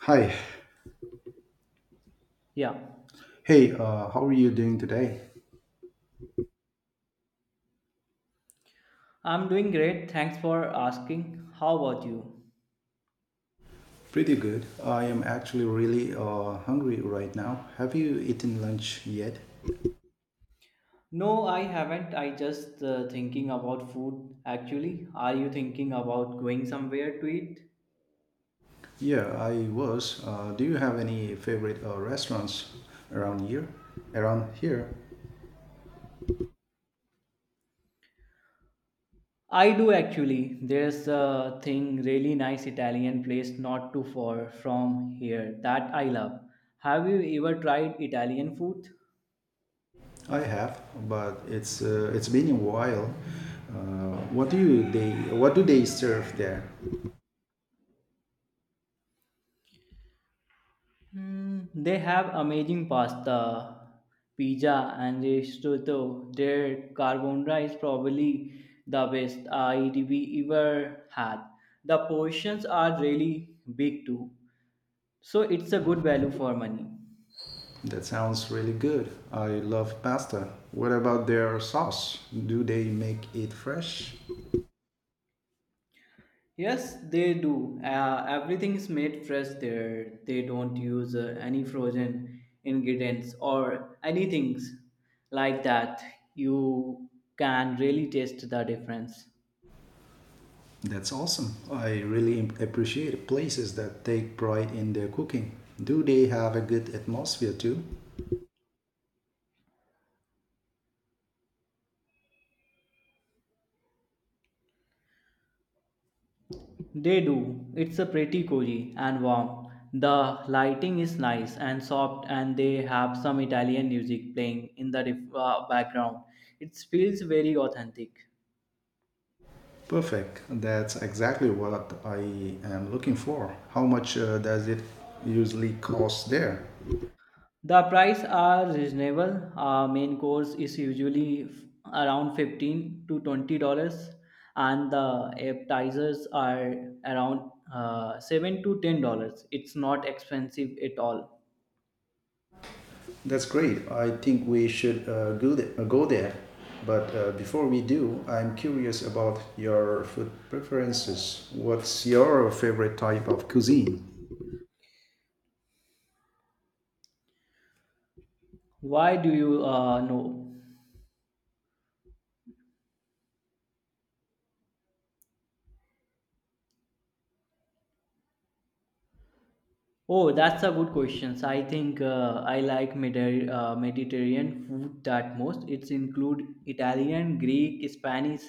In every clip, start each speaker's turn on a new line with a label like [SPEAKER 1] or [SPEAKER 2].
[SPEAKER 1] Hi.
[SPEAKER 2] Yeah,
[SPEAKER 1] Hey, how are you doing today?
[SPEAKER 2] I'm doing great. Thanks for asking. How about you?
[SPEAKER 1] Pretty good. I am actually really hungry right now. Have you eaten lunch yet?
[SPEAKER 2] No, I haven't. I just thinking about food actually. Are you thinking about going somewhere to eat?
[SPEAKER 1] Yeah, I was. Do you have any favorite restaurants around here? Around here,
[SPEAKER 2] I do actually. There's a thing really nice Italian place not too far from here that I love. Have you ever tried Italian food?
[SPEAKER 1] I have, but it's been a while. What do they serve there?
[SPEAKER 2] Hmm, they have amazing pasta, pizza, and risotto. Their carbonara is probably the best I we ever had. The portions are really big too, so it's a good value for money.
[SPEAKER 1] That sounds really good. I love pasta. What about their sauce? Do they make it fresh?
[SPEAKER 2] Yes, they do. Everything is made fresh there. They don't use any frozen ingredients or anything like that. You can really taste the difference.
[SPEAKER 1] That's awesome. I really appreciate places that take pride in their cooking. Do they have a good atmosphere too?
[SPEAKER 2] They do. It's a pretty cozy and warm. The lighting is nice and soft, and they have some Italian music playing in the background. It feels very authentic.
[SPEAKER 1] Perfect. That's exactly what I am looking for. How much does it usually cost there?
[SPEAKER 2] The price are reasonable. Our main course is usually around $15 to $20, and the appetizers are around $7 to $10. It's not expensive at all.
[SPEAKER 1] That's great. I think we should go there. But before we do, I'm curious about your food preferences. What's your favorite type of cuisine?
[SPEAKER 2] Why do you know? Oh, that's a good question. So, I think I like Mediterranean food that most. It's include Italian, Greek, Spanish,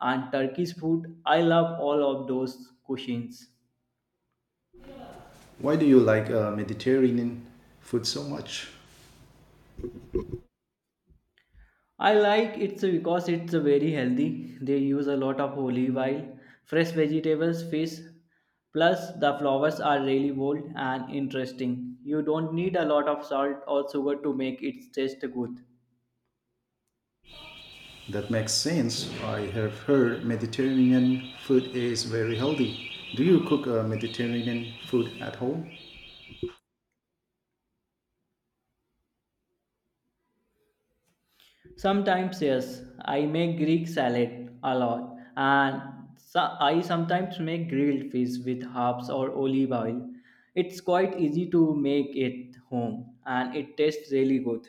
[SPEAKER 2] and Turkish food. I love all of those cuisines.
[SPEAKER 1] Why do you like Mediterranean food so much?
[SPEAKER 2] I like it so because it's very healthy. They use a lot of olive oil, fresh vegetables, fish. Plus, the flowers are really bold and interesting. You don't need a lot of salt or sugar to make it taste good.
[SPEAKER 1] That makes sense. I have heard Mediterranean food is very healthy. Do you cook Mediterranean food at home?
[SPEAKER 2] Sometimes, yes, I make Greek salad a lot, and I sometimes make grilled fish with herbs or olive oil. It's quite easy to make it home, and it tastes really good.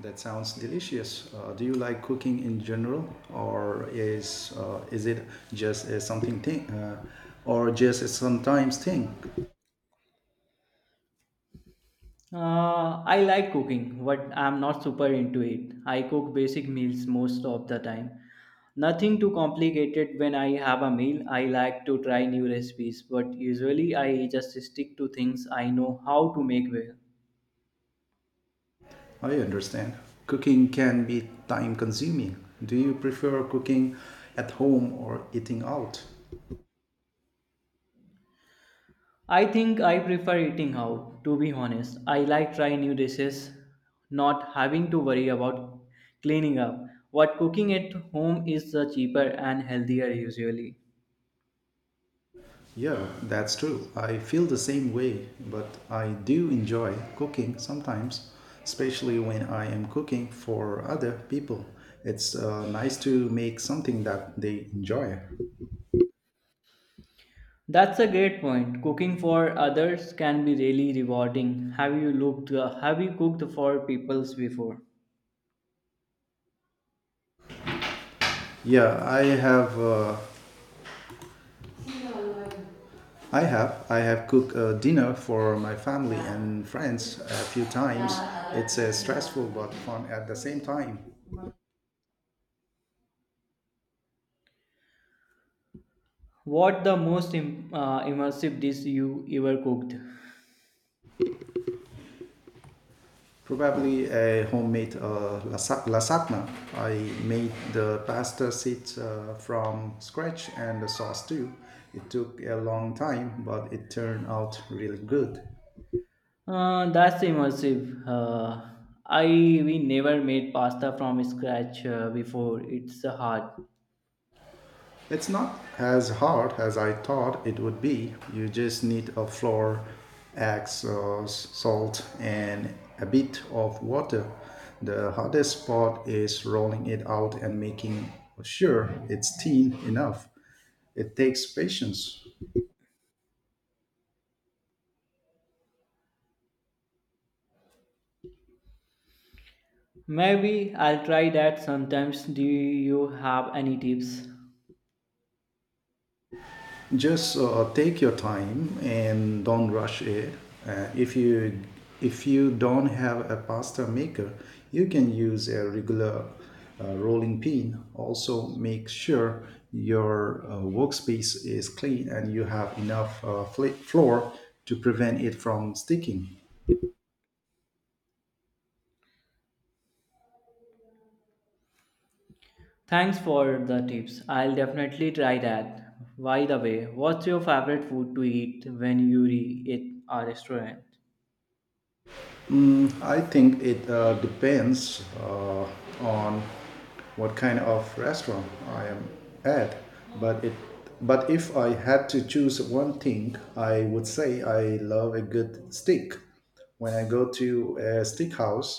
[SPEAKER 1] That sounds delicious. Do you like cooking in general, or is it just a something thing, or just a sometimes thing?
[SPEAKER 2] I like cooking, but I'm not super into it. I cook basic meals most of the time. Nothing too complicated when I have a meal. I like to try new recipes, but usually I just stick to things I know how to make well.
[SPEAKER 1] I understand. Cooking can be time consuming. Do you prefer cooking at home or eating out?
[SPEAKER 2] I think I prefer eating out, to be honest. I like trying new dishes, not having to worry about cleaning up. What cooking at home is cheaper and healthier usually.
[SPEAKER 1] Yeah, that's true. I feel the same way, but I do enjoy cooking sometimes, especially when I am cooking for other people. It's nice to make something that they enjoy.
[SPEAKER 2] That's a great point. Cooking for others can be really rewarding. Have you looked have you cooked for peoples before?
[SPEAKER 1] Yeah, I have. I have cooked a dinner for my family and friends a few times. It's stressful but fun at the same time.
[SPEAKER 2] What the most immersive dish you ever cooked?
[SPEAKER 1] Probably a homemade lasagna. I made the pasta seeds from scratch and the sauce too. It took a long time, but it turned out really good.
[SPEAKER 2] That's immersive. I we never made pasta from scratch before. It's hard.
[SPEAKER 1] It's not as hard as I thought it would be. You just need a flour, eggs, salt, and a bit of water. The hardest part is rolling it out and making sure it's thin enough. It takes patience.
[SPEAKER 2] Maybe I'll try that sometimes. Do you have any tips?
[SPEAKER 1] Just take your time and don't rush it. Uh, if you if you don't have a pasta maker, you can use a regular rolling pin. Also, make sure your workspace is clean and you have enough floor to prevent it from sticking.
[SPEAKER 2] Thanks for the tips. I'll definitely try that. By the way, what's your favorite food to eat when you eat a restaurant?
[SPEAKER 1] I think it depends on what kind of restaurant I am at. But it, but if I had to choose one thing, I would say I love a good steak. When I go to a steakhouse,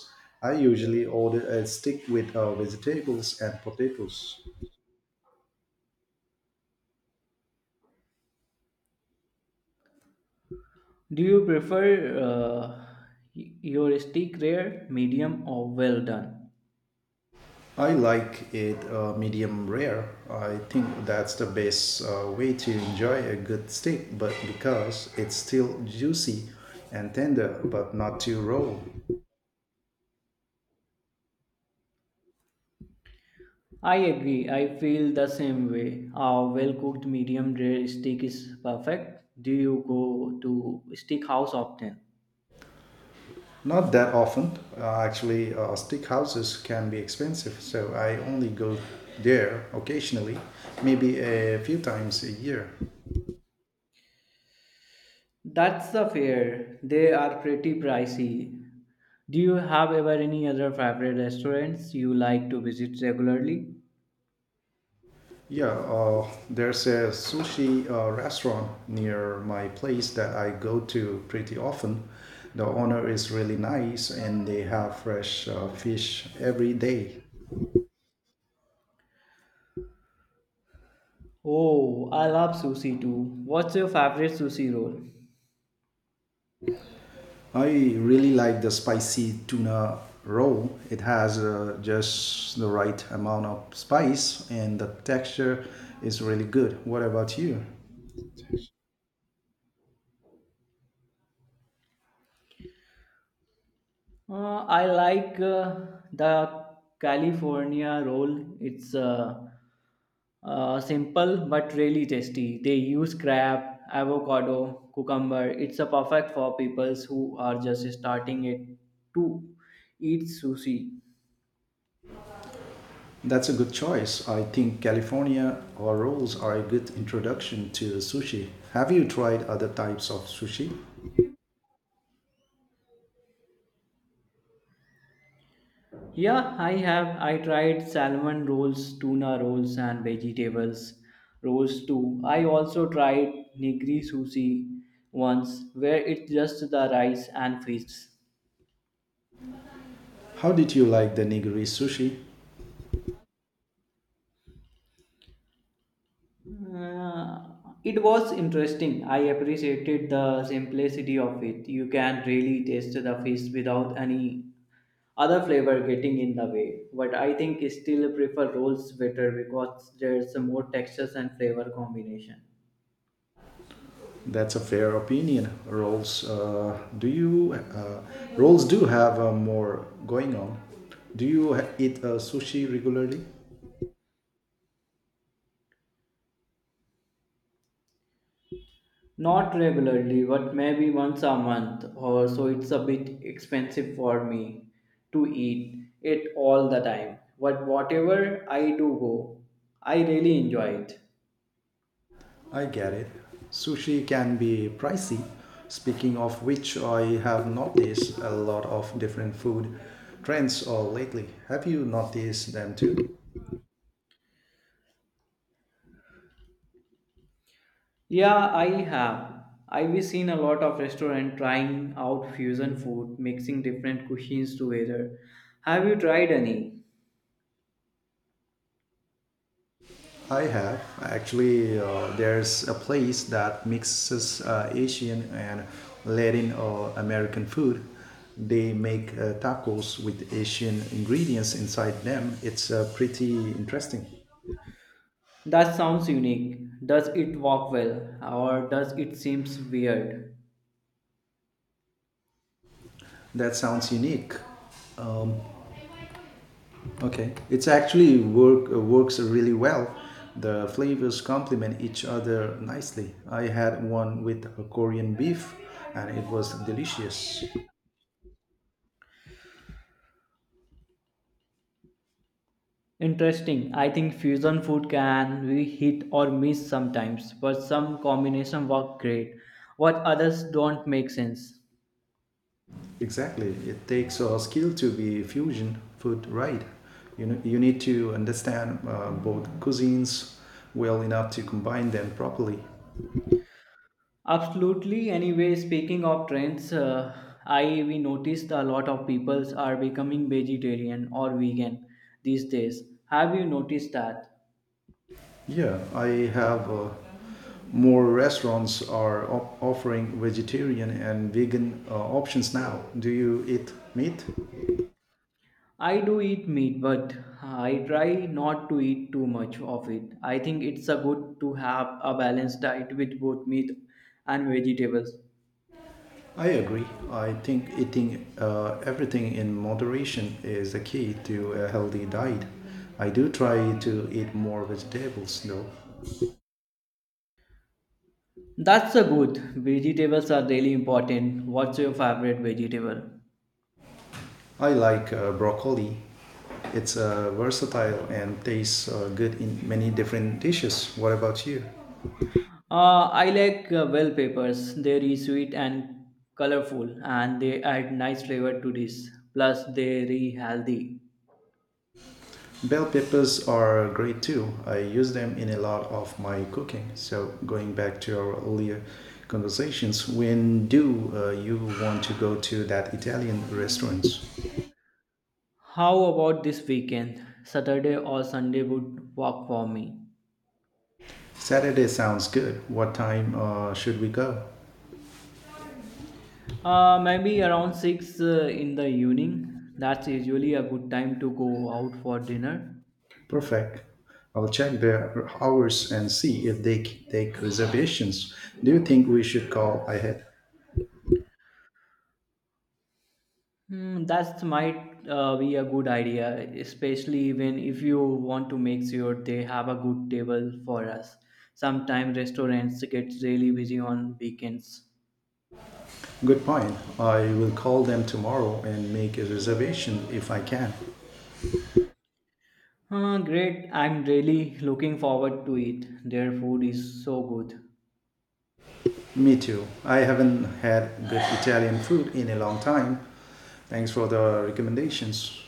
[SPEAKER 1] I usually order a steak with vegetables and potatoes.
[SPEAKER 2] Do you prefer your steak rare, medium, or well done?
[SPEAKER 1] I like it medium rare. I think that's the best way to enjoy a good steak, but because it's still juicy and tender, but not too raw.
[SPEAKER 2] I agree. I feel the same way. A well-cooked medium rare steak is perfect. Do you go to steak house often?
[SPEAKER 1] Not that often. Actually, steak houses can be expensive, so I only go there occasionally, maybe a few times a year.
[SPEAKER 2] That's the fair. They are pretty pricey. Do you have ever any other favorite restaurants you like to visit regularly?
[SPEAKER 1] Yeah, there's a sushi restaurant near my place that I go to pretty often. The owner is really nice and they have fresh fish every day.
[SPEAKER 2] Oh, I love sushi too. What's your favorite sushi roll?
[SPEAKER 1] I really like the spicy tuna roll. It has just the right amount of spice and the texture is really good. What about you?
[SPEAKER 2] I like the California roll. It's simple but really tasty. They use crab, avocado, cucumber. It's a perfect for people who are just starting it to eat sushi.
[SPEAKER 1] That's a good choice. I think California or rolls are a good introduction to sushi. Have you tried other types of sushi?
[SPEAKER 2] Yeah, I have. I tried salmon rolls, tuna rolls, and vegetables rolls too. I also tried nigiri sushi once, where it's just the rice and fish.
[SPEAKER 1] How did you like the nigiri sushi?
[SPEAKER 2] Uh, it was interesting. I appreciated the simplicity of it. You can really taste the fish without any other flavor getting in the way. But I think I still prefer rolls better because there's more textures and flavor combination.
[SPEAKER 1] That's a fair opinion. Rolls, do you rolls do have more going on? Eat sushi regularly?
[SPEAKER 2] Not regularly, but maybe once a month or so. It's a bit expensive for me to eat it all the time. But whatever I do go, I really enjoy it.
[SPEAKER 1] I get it. Sushi can be pricey. Speaking of which, I have noticed a lot of different food trends lately. Have you noticed them too?
[SPEAKER 2] Yeah, I have. I've seen a lot of restaurant trying out fusion food, mixing different cuisines together. Have you tried any?
[SPEAKER 1] I have. Actually, there's a place that mixes Asian and Latin or American food. They make tacos with Asian ingredients inside them. It's pretty interesting.
[SPEAKER 2] That sounds unique. Does it work well or does it seems weird?
[SPEAKER 1] That sounds unique. Okay, it's actually works really well. The flavors complement each other nicely. I had one with a Korean beef, and it was delicious.
[SPEAKER 2] Interesting. I think fusion food can be hit or miss sometimes, but some combination work great, what others don't make sense.
[SPEAKER 1] Exactly, it takes a skill to be fusion food right. You know, you need to understand both cuisines well enough to combine them properly.
[SPEAKER 2] Absolutely. Anyway, speaking of trends, I we noticed a lot of peoples are becoming vegetarian or vegan these days. Have you noticed that?
[SPEAKER 1] Yeah, I have. More restaurants are offering vegetarian and vegan options now. Do you eat meat?
[SPEAKER 2] I do eat meat, but I try not to eat too much of it. I think it's a good to have a balanced diet with both meat and vegetables.
[SPEAKER 1] I agree. I think eating everything in moderation is the key to a healthy diet. I do try to eat more vegetables though.
[SPEAKER 2] That's a good. Vegetables are really important. What's your favorite vegetable?
[SPEAKER 1] I like broccoli. It's versatile and tastes good in many different dishes. What about you?
[SPEAKER 2] I like well peppers. They're sweet and colorful, and they add nice flavor to this. Plus, they're healthy.
[SPEAKER 1] Bell peppers are great too. I use them in a lot of my cooking. So, going back to our earlier conversations, when do you want to go to that Italian restaurant?
[SPEAKER 2] How about this weekend? Saturday or Sunday would work for me.
[SPEAKER 1] Saturday sounds good. What time should we go?
[SPEAKER 2] Maybe around 6 in the evening. That's usually a good time to go out for dinner.
[SPEAKER 1] Perfect. I'll check their hours and see if take reservations. Do you think we should call ahead?
[SPEAKER 2] Hmm, that might be a good idea, especially when if you want to make sure they have a good table for us. Sometimes restaurants get really busy on weekends.
[SPEAKER 1] Good point. I will call them tomorrow and make a reservation if I can.
[SPEAKER 2] Huh, great, I'm really looking forward to it. Their food is so good.
[SPEAKER 1] Me too. I haven't had good Italian food in a long time. Thanks for the recommendations.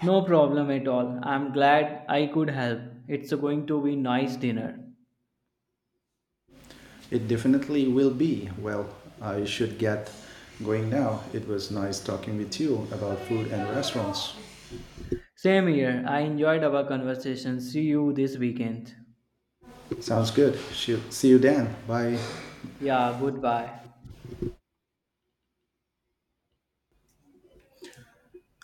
[SPEAKER 2] No problem at all. I'm glad I could help. It's going to be nice dinner.
[SPEAKER 1] It definitely will be. Well, I should get going now. It was nice talking with you about food and restaurants.
[SPEAKER 2] Same here. I enjoyed our conversation. See you this weekend.
[SPEAKER 1] Sounds good. Shoot. See you then. Bye.
[SPEAKER 2] Yeah, goodbye.